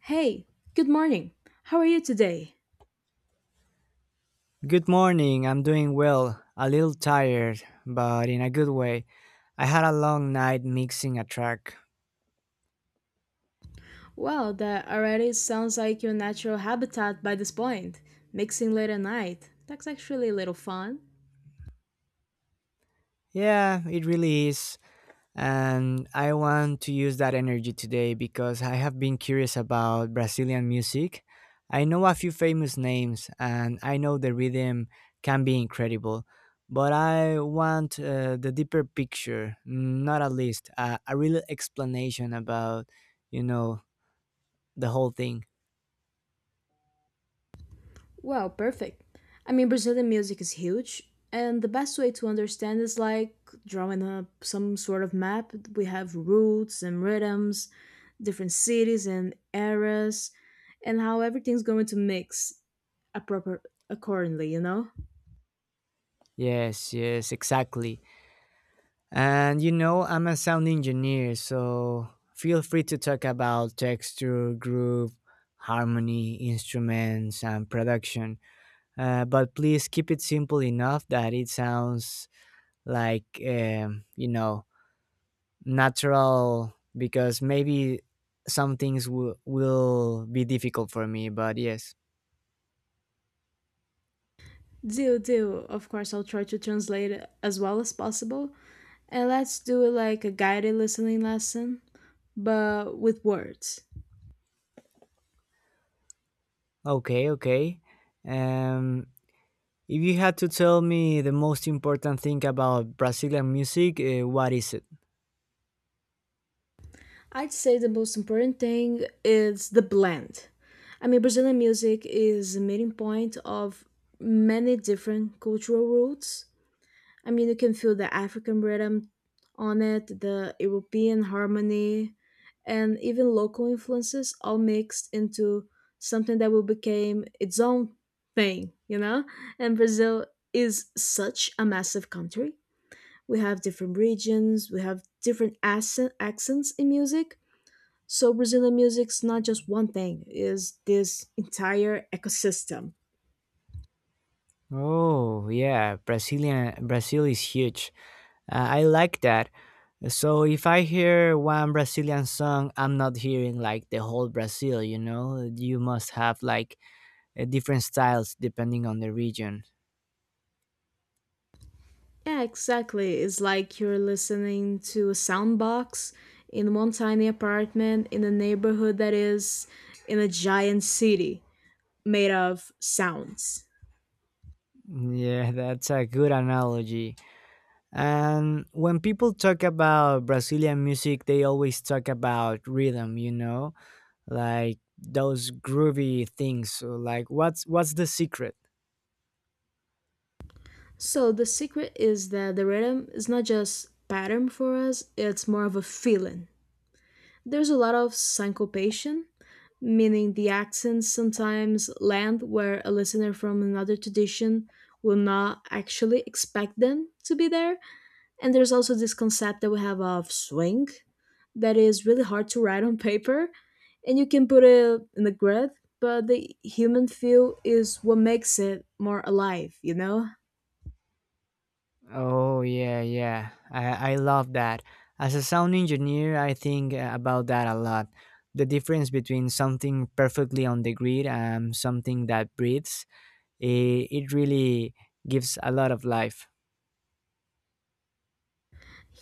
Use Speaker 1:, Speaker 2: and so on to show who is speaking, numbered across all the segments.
Speaker 1: Hey, good morning. How are you today?
Speaker 2: Good morning. I'm doing well. A little tired, but in a good way. I had a long night mixing a track.
Speaker 1: Well, that already sounds like your natural habitat by this point. Mixing late at night. That's actually a little fun.
Speaker 2: Yeah, it really is. And I want to use that energy today because I have been curious about Brazilian music. I know a few famous names and I know the rhythm can be incredible, but I want the deeper picture, not a list, a real explanation about, you know, the whole thing.
Speaker 1: Well, perfect. I mean, Brazilian music is huge, and the best way to understand is like drawing up some sort of map. We have roots and rhythms, different cities and eras, and how everything's going to mix appropriate accordingly, you know?
Speaker 2: Yes, yes, exactly. And you know, I'm a sound engineer, so feel free to talk about texture, groove, harmony, instruments, and production. But please keep it simple enough that it sounds like natural, because maybe some things will be difficult for me, but yes.
Speaker 1: Deal, deal. Of course, I'll try to translate it as well as possible. And let's do it like a guided listening lesson, but with words.
Speaker 2: Okay, okay. Um, If you had to tell me the most important thing about Brazilian music, what is it?
Speaker 1: I'd say the most important thing is the blend. I mean, Brazilian music is a meeting point of many different cultural roots. I mean, you can feel the African rhythm on it, the European harmony, and even local influences all mixed into something that will become its own thing, you know? And Brazil is such a massive country. We have different regions, we have different accents in music. So Brazilian music's not just one thing, is this entire ecosystem.
Speaker 2: Oh, yeah, Brazil is huge. I like that. So if I hear one Brazilian song, I'm not hearing like the whole Brazil, you know? You must have like different styles depending on the region.
Speaker 1: Yeah, exactly. It's like you're listening to a soundbox in one tiny apartment in a neighborhood that is in a giant city made of sounds.
Speaker 2: Yeah, that's a good analogy. And when people talk about Brazilian music, they always talk about rhythm, you know? Like those groovy things. So like what's the secret?
Speaker 1: So the secret is that the rhythm is not just pattern for us, it's more of a feeling. There's a lot of syncopation, meaning the accents sometimes land where a listener from another tradition will not actually expect them to be there. And there's also this concept that we have of swing that is really hard to write on paper, and you can put it in the grid, but the human feel is what makes it more alive, you know?
Speaker 2: Oh, yeah, yeah, I love that. As a sound engineer, I think about that a lot. The difference between something perfectly on the grid and something that breathes, it really gives a lot of life.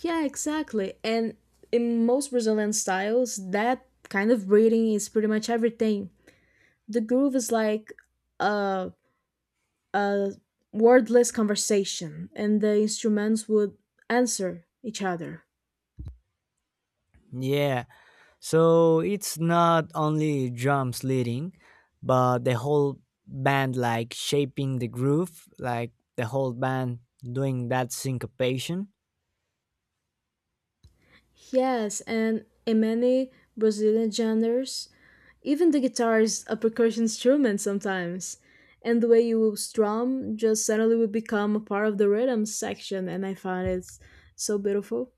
Speaker 1: Yeah, exactly. And in most Brazilian styles, that kind of breathing is pretty much everything. The groove is like a, a wordless conversation, and the instruments would answer each other.
Speaker 2: Yeah. So it's not only drums leading, but the whole band like shaping the groove, like the whole band doing that syncopation.
Speaker 1: Yes, and in many Brazilian genres, even the guitar is a percussion instrument sometimes. And the way you strum just suddenly will become a part of the rhythm section, and I found it so beautiful.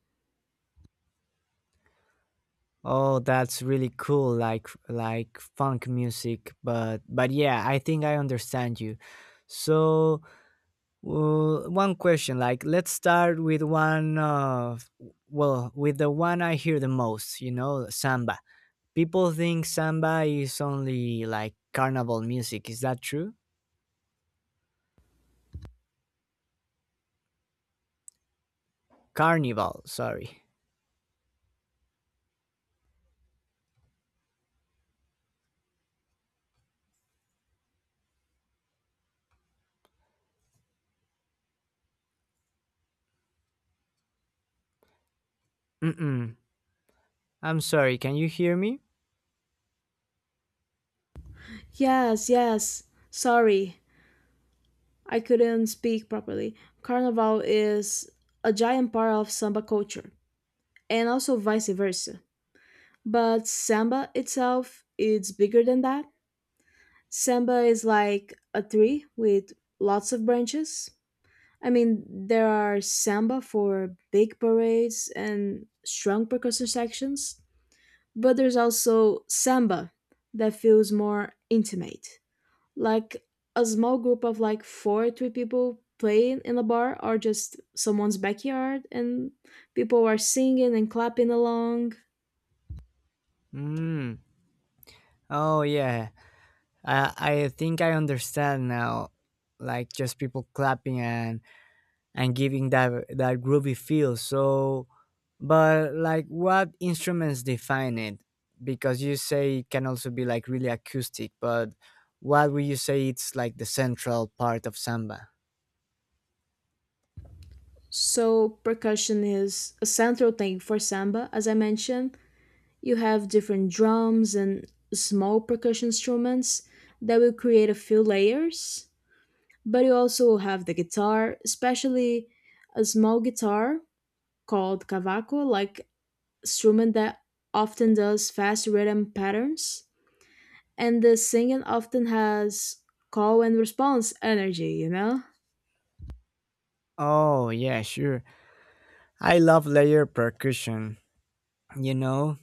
Speaker 2: Oh, that's really cool, like funk music. But yeah, I think I understand you. So one question, like let's start with one of, well, with the one I hear the most, you know, samba. People think samba is only like carnival music. Is that true? Carnival, sorry. Mm-mm. I'm sorry. Can you hear me?
Speaker 1: Yes, yes. Sorry, I couldn't speak properly. Carnival is a giant part of samba culture, and also vice versa. But samba itself, is bigger than that. Samba is like a tree with lots of branches. I mean, there are samba for big parades and strong percussion sections, but there's also samba that feels more intimate. Like a small group of like four or three people playing in a bar or just someone's backyard, and people are singing and clapping along.
Speaker 2: Mm. Oh yeah. I think I understand now. Like just people clapping and giving that groovy feel. So, but like what instruments define it? Because you say it can also be like really acoustic, but what would you say it's like the central part of samba?
Speaker 1: So percussion is a central thing for samba. As I mentioned, you have different drums and small percussion instruments that will create a few layers. But you also have the guitar, especially a small guitar called cavaco, like instrument that often does fast rhythm patterns. And the singing often has call and response energy, you know?
Speaker 2: Oh, yeah, sure. I love layered percussion, you know?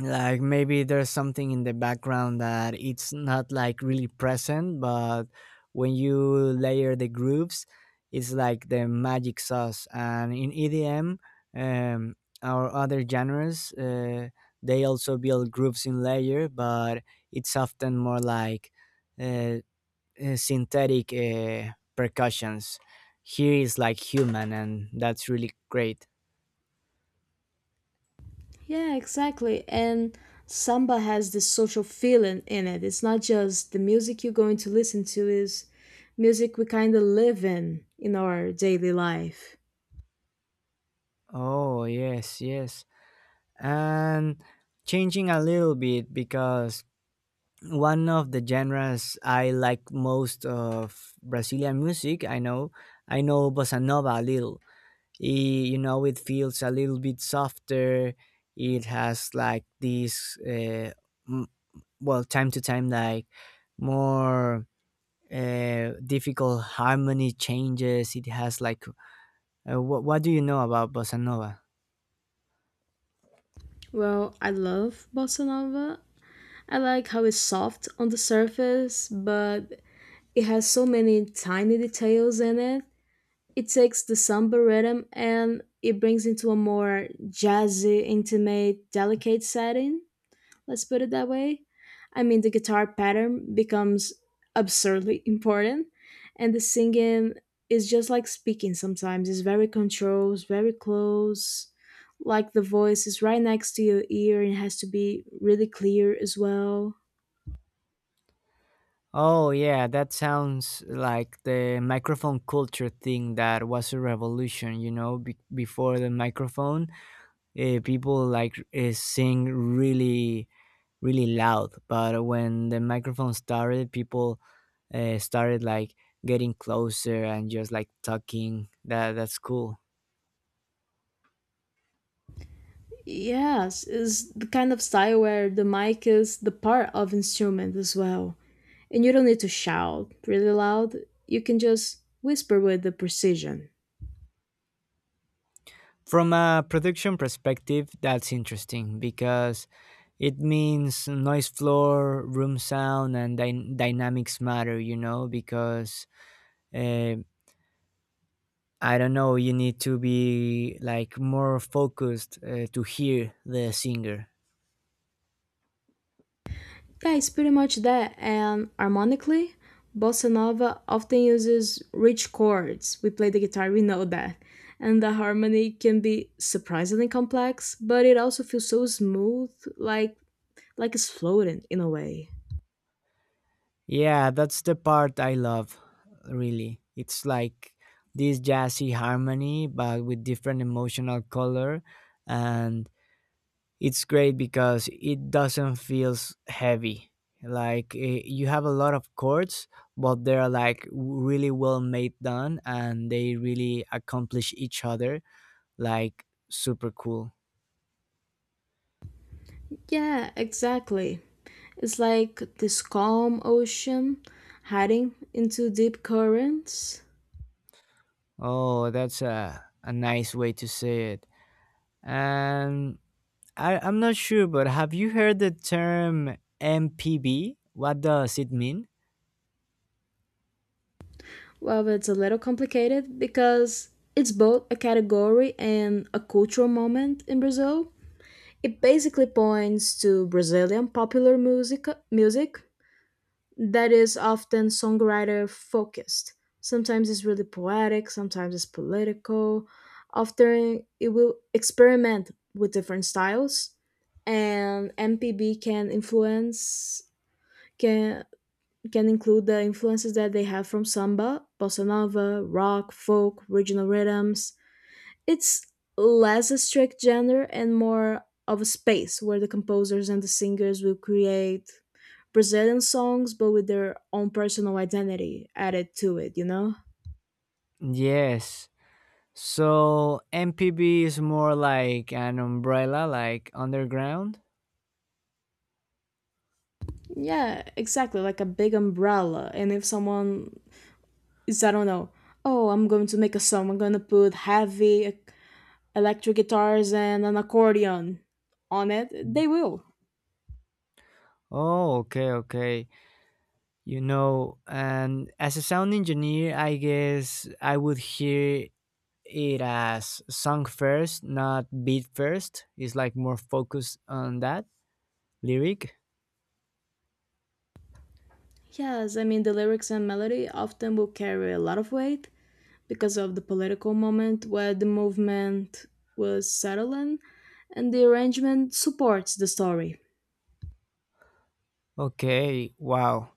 Speaker 2: Like maybe there's something in the background that it's not like really present, but when you layer the grooves, it's like the magic sauce. And in EDM, um, our other genres, they also build grooves in layer, but it's often more like uh, synthetic percussions. Here is like human, and that's really great.
Speaker 1: Yeah, exactly. And samba has this social feeling in it. It's not just the music you're going to listen to, is music we kind of live in our daily life.
Speaker 2: Oh, yes, yes. And changing a little bit because one of the genres I like most of Brazilian music, I know bossa nova a little. You know, it feels a little bit softer. It has like this, m- well, time to time, like more difficult harmony changes. It has like, what do you know about bossa nova?
Speaker 1: Well, I love bossa nova. I like how it's soft on the surface, but it has so many tiny details in it. It takes the samba rhythm and it brings into a more jazzy, intimate, delicate setting. Let's put it that way. I mean, the guitar pattern becomes absurdly important, and the singing is just like speaking sometimes. It's very controlled, it's very close, like the voice is right next to your ear and it has to be really clear as well.
Speaker 2: Oh, yeah, that sounds like the microphone culture thing that was a revolution, you know, before the microphone, people like sing really, really loud. But when the microphone started, people started like getting closer and just like talking. That's cool.
Speaker 1: Yes, is the kind of style where the mic is the part of instrument as well. And you don't need to shout really loud. You can just whisper with the precision.
Speaker 2: From a production perspective, that's interesting because it means noise floor, room sound, and dynamics matter, you know, because uh, I don't know, you need to be like more focused to hear the singer.
Speaker 1: Yeah, it's pretty much that. And harmonically, bossa nova often uses rich chords. We play the guitar, we know that. And the harmony can be surprisingly complex, but it also feels so smooth, like like it's floating in a way.
Speaker 2: Yeah, that's the part I love, really. It's like this jazzy harmony, but with different emotional color, and it's great because it doesn't feels heavy, like you have a lot of chords but they're like really well made done and they really accomplish each other, like super cool.
Speaker 1: Yeah, exactly. It's like this calm ocean heading into deep currents.
Speaker 2: Oh, that's a nice way to say it. And I'm not sure, but have you heard the term MPB? What does it mean?
Speaker 1: Well, it's a little complicated because it's both a category and a cultural moment in Brazil. It basically points to Brazilian popular music that is often songwriter focused. Sometimes it's really poetic, sometimes it's political. Often it will experiment with different styles, and MPB can can include the influences that they have from samba, bossa nova, rock, folk, regional rhythms. It's less a strict genre and more of a space where the composers and the singers will create Brazilian songs but with their own personal identity added to it, you know?
Speaker 2: Yes, so MPB is more like an umbrella, like underground.
Speaker 1: Yeah, exactly, like a big umbrella. And if someone is, I don't know, oh, I'm going to make a song, I'm going to put heavy electric guitars and an accordion on it,
Speaker 2: Mm.
Speaker 1: they will.
Speaker 2: Oh, okay, okay. You know, and as a sound engineer, I guess I would hear it as song first, not beat first. It's like more focused on that lyric.
Speaker 1: Yes, I mean, the lyrics and melody often will carry a lot of weight, because of the political moment where the movement was settling, and the arrangement supports the story.
Speaker 2: Okay, wow.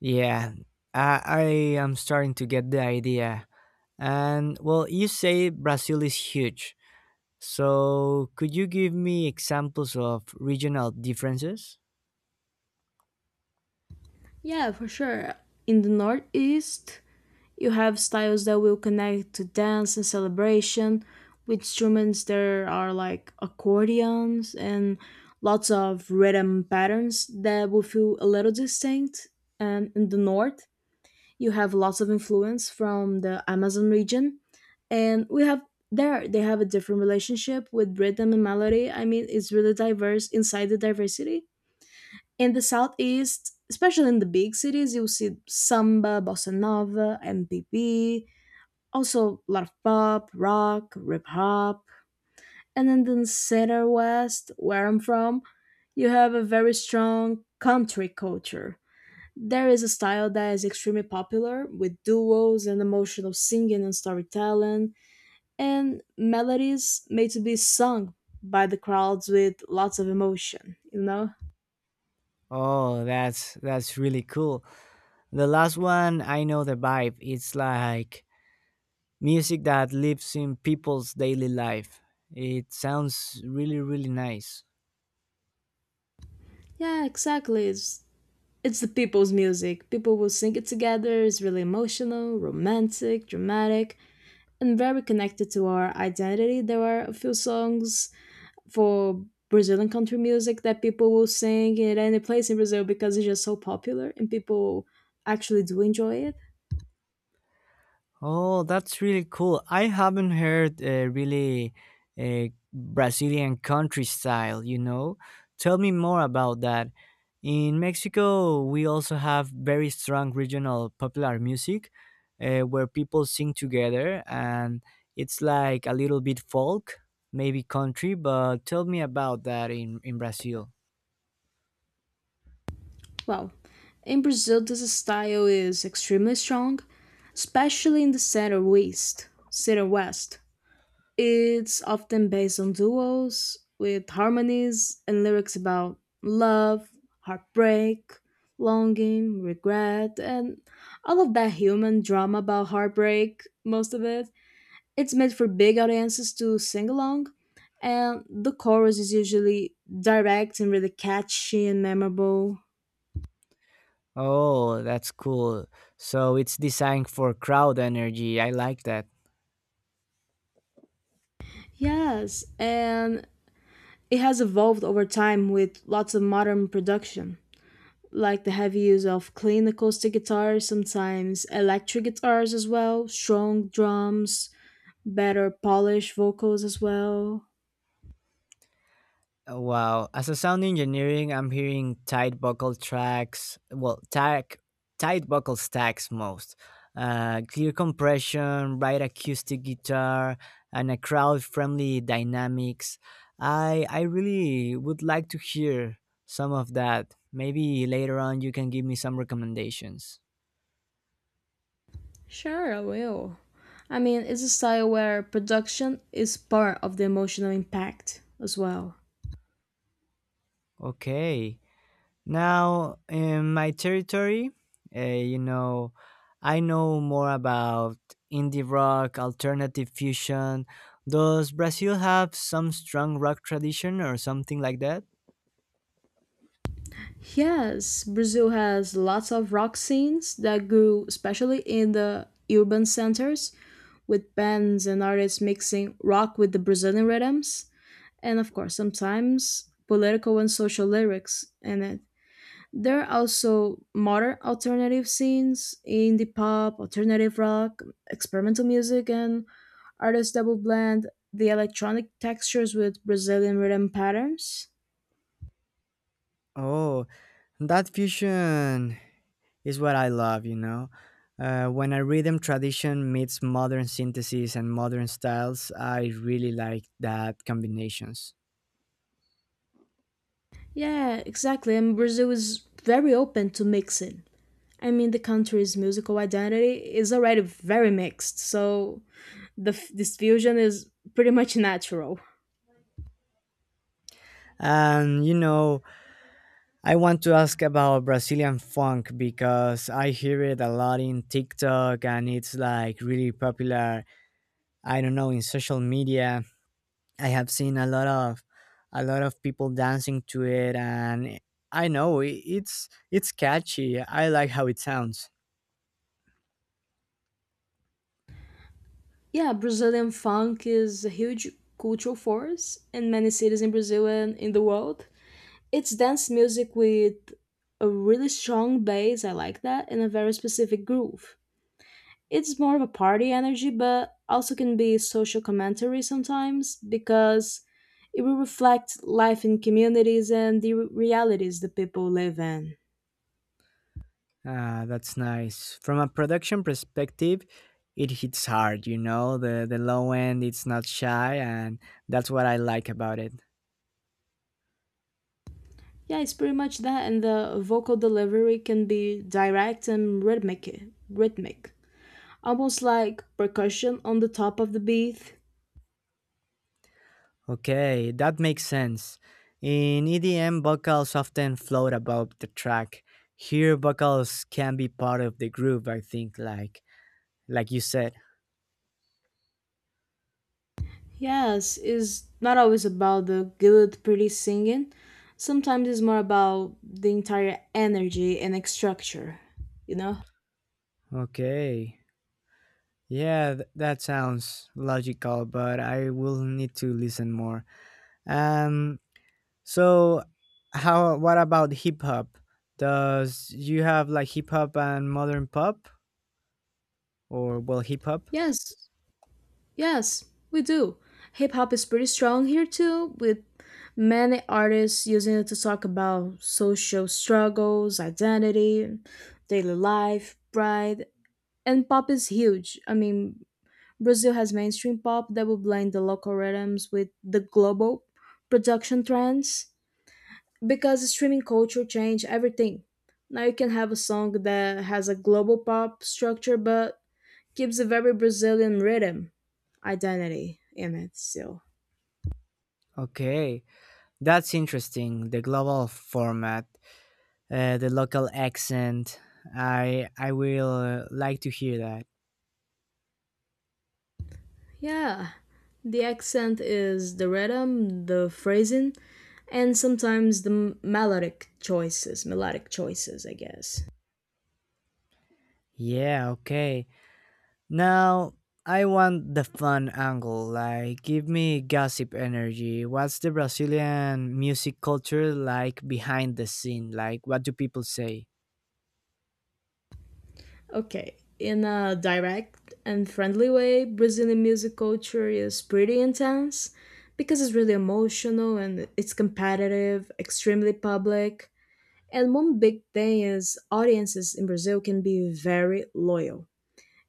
Speaker 2: Yeah, I am starting to get the idea. And well, you say Brazil is huge. So could you give me examples of regional differences?
Speaker 1: Yeah, for sure. In the Northeast, you have styles that will connect to dance and celebration. With instruments, there are like accordions and lots of rhythm patterns that will feel a little distinct. And in the North, you have lots of influence from the Amazon region, and we have there they have a different relationship with rhythm and melody. I mean, it's really diverse inside the diversity. In the southeast, especially in the big cities, you'll see samba, bossa nova, MPB, also a lot of pop, rock, hip hop, and then in the center west, where I'm from, you have a very strong country culture. There is a style that is extremely popular with duos and emotional singing and storytelling, and melodies made to be sung by the crowds with lots of emotion, you know?
Speaker 2: Oh, that's really cool. The last one, I know the vibe. It's like music that lives in people's daily life. It sounds really, really nice.
Speaker 1: Yeah, exactly. It's the people's music. People will sing it together. It's really emotional, romantic, dramatic, and very connected to our identity. There are a few songs for Brazilian country music that people will sing at any place in Brazil because it's just so popular and people actually do enjoy it.
Speaker 2: Oh, that's really cool. I haven't heard a really a Brazilian country style, you know? Tell me more about that. In Mexico, we also have very strong regional popular music where people sing together, and it's like a little bit folk, maybe country, but tell me about that in Brazil.
Speaker 1: Well, in Brazil, this style is extremely strong, especially in the center west. It's often based on duos with harmonies and lyrics about love, heartbreak, longing, regret, and all of that human drama about heartbreak. Most of it It's meant for big audiences to sing along, and the chorus is usually direct and really catchy and memorable.
Speaker 2: Oh, that's cool. So it's designed for crowd energy. I like that.
Speaker 1: Yes, and it has evolved over time with lots of modern production, like the heavy use of clean acoustic guitars, sometimes electric guitars as well, strong drums, better polished vocals as well.
Speaker 2: Oh, wow. As a sound engineering, I'm hearing tight buckle tracks, well, tack, tight buckle stacks most. Clear compression, bright acoustic guitar, and a crowd-friendly dynamics. I really would like to hear some of that. Maybe later on you can give me some recommendations.
Speaker 1: Sure, I will. I mean, it's a style where production is part of the emotional impact as well.
Speaker 2: Okay. Now, in my territory, you know, I know more about indie rock, alternative fusion. Does Brazil have some strong rock tradition or something like that?
Speaker 1: Yes, Brazil has lots of rock scenes that grew especially in the urban centers, with bands and artists mixing rock with the Brazilian rhythms, and of course, sometimes political and social lyrics in it. There are also modern alternative scenes, indie pop, alternative rock, experimental music, and artists that will blend the electronic textures with Brazilian rhythm patterns.
Speaker 2: Oh, that fusion is what I love, you know. When a rhythm tradition meets modern synthesis and modern styles, I really like that combinations.
Speaker 1: Yeah, exactly. And Brazil is very open to mixing. I mean, the country's musical identity is already very mixed, so this fusion is pretty much natural.
Speaker 2: And you know, I want to ask about Brazilian funk because I hear it a lot in TikTok and it's like really popular. I don't know, in social media. I have seen a lot of people dancing to it, and I know it's catchy. I like how it sounds.
Speaker 1: Yeah, Brazilian funk is a huge cultural force in many cities in Brazil and in the world. It's dance music with a really strong bass, I like that, and a very specific groove. It's more of a party energy, but also can be social commentary sometimes because it will reflect life in communities and the realities the people live in.
Speaker 2: Ah, that's nice. From a production perspective, it hits hard, you know. The low end, it's not shy, and that's what I like about it.
Speaker 1: Yeah, it's pretty much that, and the vocal delivery can be direct and rhythmic, almost like percussion on the top of the beat.
Speaker 2: Okay, that makes sense. In EDM, vocals often float above the track. Here, vocals can be part of the groove, I think, like you said.
Speaker 1: Yes, is not always about the good, pretty singing. Sometimes it's more about the entire energy and structure, you know?
Speaker 2: Okay. Yeah, that sounds logical, but I will need to listen more. Um so how, what about hip hop? Does you have like hip hop and modern pop, or well, hip hop?
Speaker 1: Yes, Yes, we do. Hip hop is pretty strong here too, with many artists using it to talk about social struggles, identity, daily life, pride, and pop is huge. I mean, Brazil has mainstream pop that will blend the local rhythms with the global production trends because streaming culture changed everything. Now you can have a song that has a global pop structure but gives a very Brazilian rhythm, identity in it still.
Speaker 2: Okay. That's interesting, the global format. The local accent. I will like to hear that.
Speaker 1: Yeah, the accent is the rhythm, the phrasing, and sometimes the melodic choices, I guess.
Speaker 2: Yeah, okay. Now I want the fun angle. Like give me gossip energy. What's the Brazilian music culture like behind the scene? Like what do people say?
Speaker 1: Okay, in a direct and friendly way, Brazilian music culture is pretty intense because it's really emotional and it's competitive, extremely public. And one big thing is audiences in Brazil can be very loyal.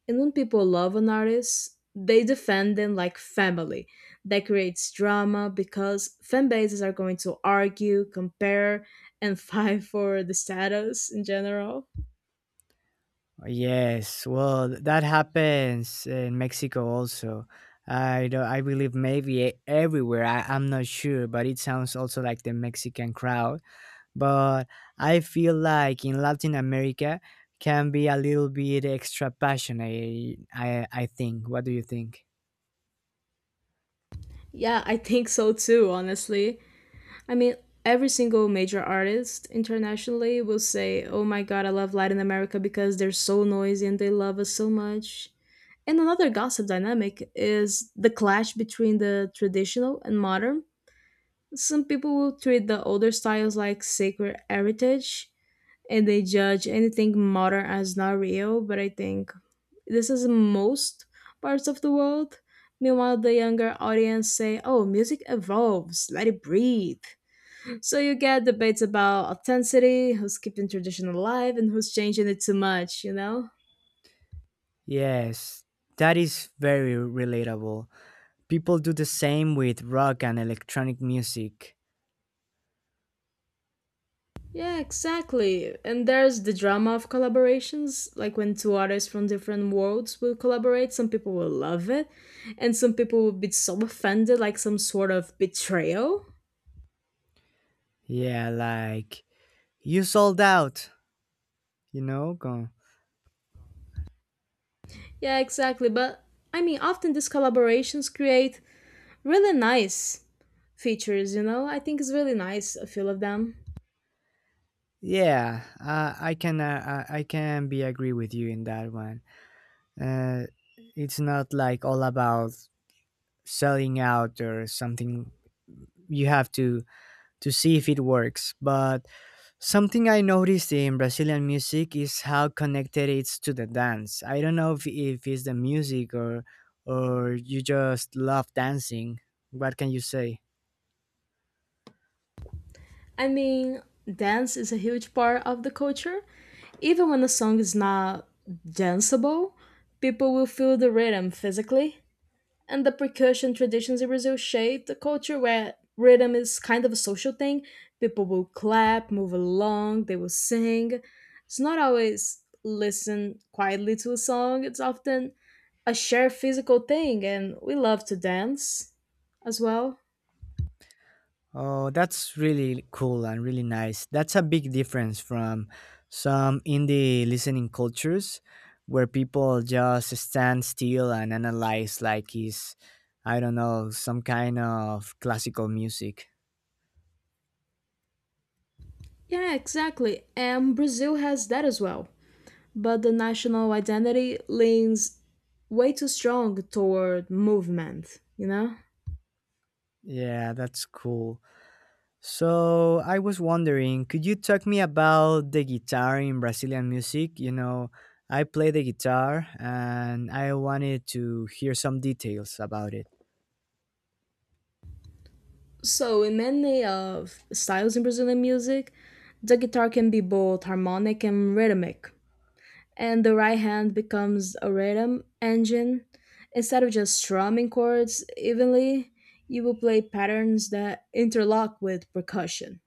Speaker 1: And when people love an artist, they defend them like family. That creates drama because fan bases are going to argue, compare, and fight for the status in general.
Speaker 2: Yes, well, that happens in Mexico also. I do, I believe maybe everywhere. I'm not sure, but it sounds also like the Mexican crowd. But I feel like in Latin America can be a little bit extra passionate. I think. What do you think?
Speaker 1: Yeah, I think so too, honestly. I mean, every single major artist internationally will say, "Oh my god, I love Latin America because they're so noisy and they love us so much." And another gossip dynamic is the clash between the traditional and modern. Some people will treat the older styles like sacred heritage and they judge anything modern as not real, but I think this is in most parts of the world. Meanwhile, the younger audience say, "Oh, music evolves, let it breathe." So you get debates about authenticity, who's keeping tradition alive, and who's changing it too much, you know?
Speaker 2: Yes, that is very relatable. People do the same with rock and electronic music.
Speaker 1: Yeah, exactly. And there's the drama of collaborations, like when two artists from different worlds will collaborate, some people will love it, and some people will be so offended, like some sort of betrayal.
Speaker 2: Yeah, like you sold out. You know, go.
Speaker 1: Yeah, exactly. But I mean, often these collaborations create really nice features, you know? I think it's really nice, a few of them.
Speaker 2: Yeah, I can I can be agree with you in that one. Uh, it's not like all about selling out or something. You have to see if it works. But something I noticed in Brazilian music is how connected it's to the dance. I don't know if it's the music or you just love dancing. What can you say?
Speaker 1: I mean, dance is a huge part of the culture. Even when a song is not danceable, people will feel the rhythm physically, and the percussion traditions in Brazil shaped a culture where rhythm is kind of a social thing. People will clap, move along, they will sing. It's not always listen quietly to a song, it's often a shared physical thing, and we love to dance as well.
Speaker 2: Oh, that's really cool and really nice. That's a big difference from some indie listening cultures where people just stand still and analyze like it's, I don't know, some kind of classical music.
Speaker 1: Yeah, exactly. And Brazil has that as well. But the national identity leans way too strong toward movement, you know?
Speaker 2: Yeah, that's cool. So I was wondering, could you talk me about the guitar in Brazilian music? You know, I play the guitar and I wanted to hear some details about it.
Speaker 1: So, in many of styles in Brazilian music, the guitar can be both harmonic and rhythmic, and the right hand becomes a rhythm engine. Instead of just strumming chords evenly, you will play patterns that interlock with percussion.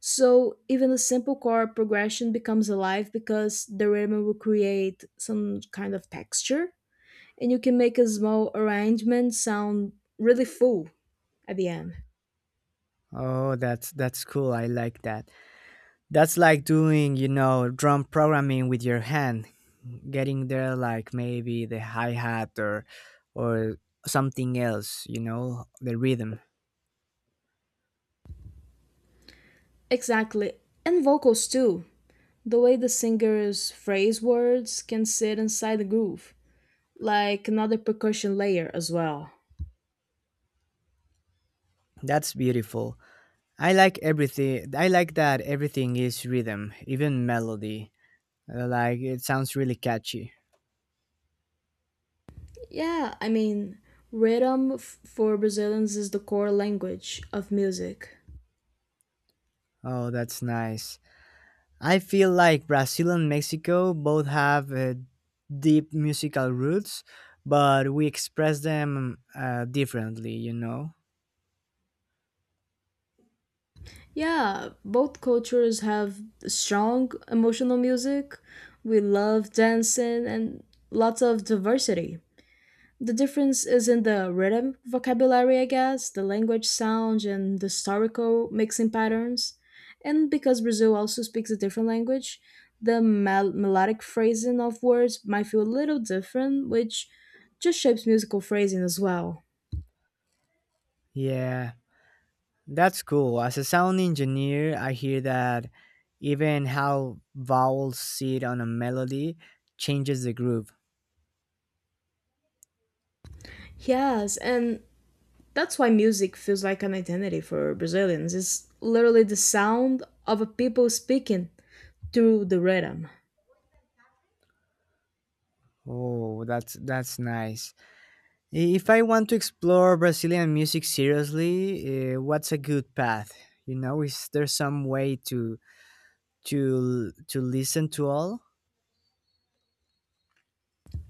Speaker 1: So, even a simple chord progression becomes alive because the rhythm will create some kind of texture, and you can make a small arrangement sound really full at the end.
Speaker 2: Oh, that's cool. I like that. That's like doing, you know, drum programming with your hand, getting there like maybe the hi-hat or or something else, you know, the rhythm.
Speaker 1: Exactly. And vocals too. The way the singers phrase words can sit inside the groove, like another percussion layer as well.
Speaker 2: That's beautiful. I like everything. I like that everything is rhythm, even melody. Like it sounds really catchy.
Speaker 1: Yeah, I mean, rhythm for Brazilians is the core language of music.
Speaker 2: Oh, that's nice. I feel like Brazil and Mexico both have deep musical roots, but we express them differently, you know?
Speaker 1: Yeah, both cultures have strong emotional music. We love dancing and lots of diversity. The difference is in the rhythm vocabulary, I guess, the language sound, and the historical mixing patterns. And because Brazil also speaks a different language, the melodic phrasing of words might feel a little different, which just shapes musical phrasing as well.
Speaker 2: Yeah, that's cool. As a sound engineer, I hear that even how vowels sit on a melody changes the groove.
Speaker 1: Yes, and that's why music feels like an identity for Brazilians. It's literally the sound of a people speaking through the rhythm.
Speaker 2: Oh, that's nice. If I want to explore Brazilian music seriously, what's a good path? You know, is there some way to listen to all?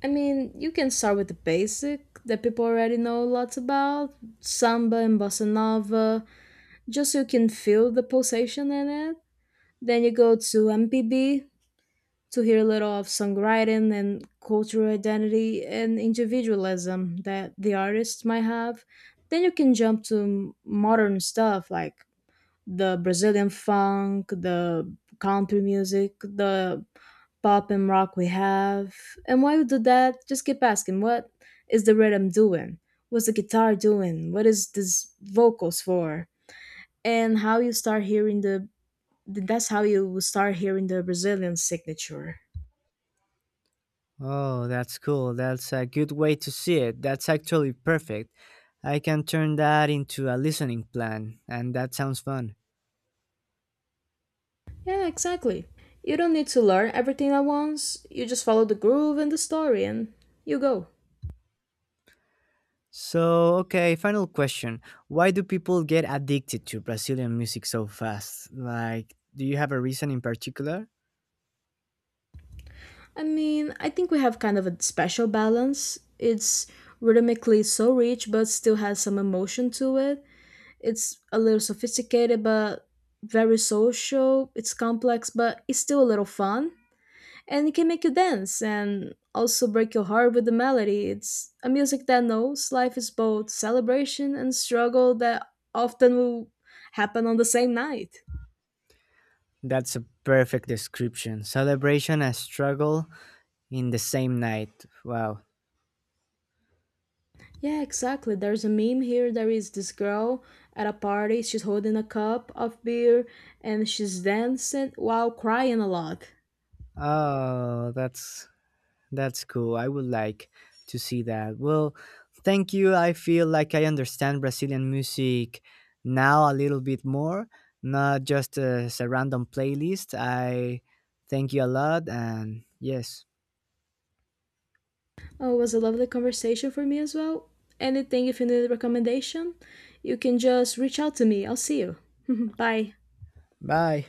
Speaker 1: I mean, you can start with the basic that people already know lots about, samba and bossa nova, just so you can feel the pulsation in it. Then you go to MPB to hear a little of songwriting and cultural identity and individualism that the artist might have. Then you can jump to modern stuff like the Brazilian funk, the country music, the pop and rock we have. And while you do that, just keep asking, what is the rhythm doing? What's the guitar doing? What is this vocals for? And how you start hearing the that's how you will start hearing the Brazilian signature.
Speaker 2: Oh, that's cool. That's a good way to see it. That's actually perfect. I can turn that into a listening plan, and that sounds fun.
Speaker 1: Yeah, exactly. You don't need to learn everything at once. You just follow the groove and the story and you go.
Speaker 2: So, okay, final question. Why do people get addicted to Brazilian music so fast? Like, do you have a reason in particular?
Speaker 1: I mean, I think we have kind of a special balance. It's rhythmically so rich, but still has some emotion to it. It's a little sophisticated, but very social. It's complex, but it's still a little fun. And it can make you dance and also break your heart with the melody. It's a music that knows life is both celebration and struggle that often will happen on the same night.
Speaker 2: That's a perfect description. Celebration and struggle in the same night. Wow.
Speaker 1: Yeah, exactly. There's a meme here. There is this girl at a party. She's holding a cup of beer and she's dancing while crying a lot.
Speaker 2: Oh, that's cool. I would like to see that. Well, thank you. I feel like I understand Brazilian music now a little bit more, not just as a random playlist. I thank you a lot, and yes.
Speaker 1: Oh, it was a lovely conversation for me as well. Anything, if you need a recommendation, you can just reach out to me. I'll see you. Bye.
Speaker 2: Bye.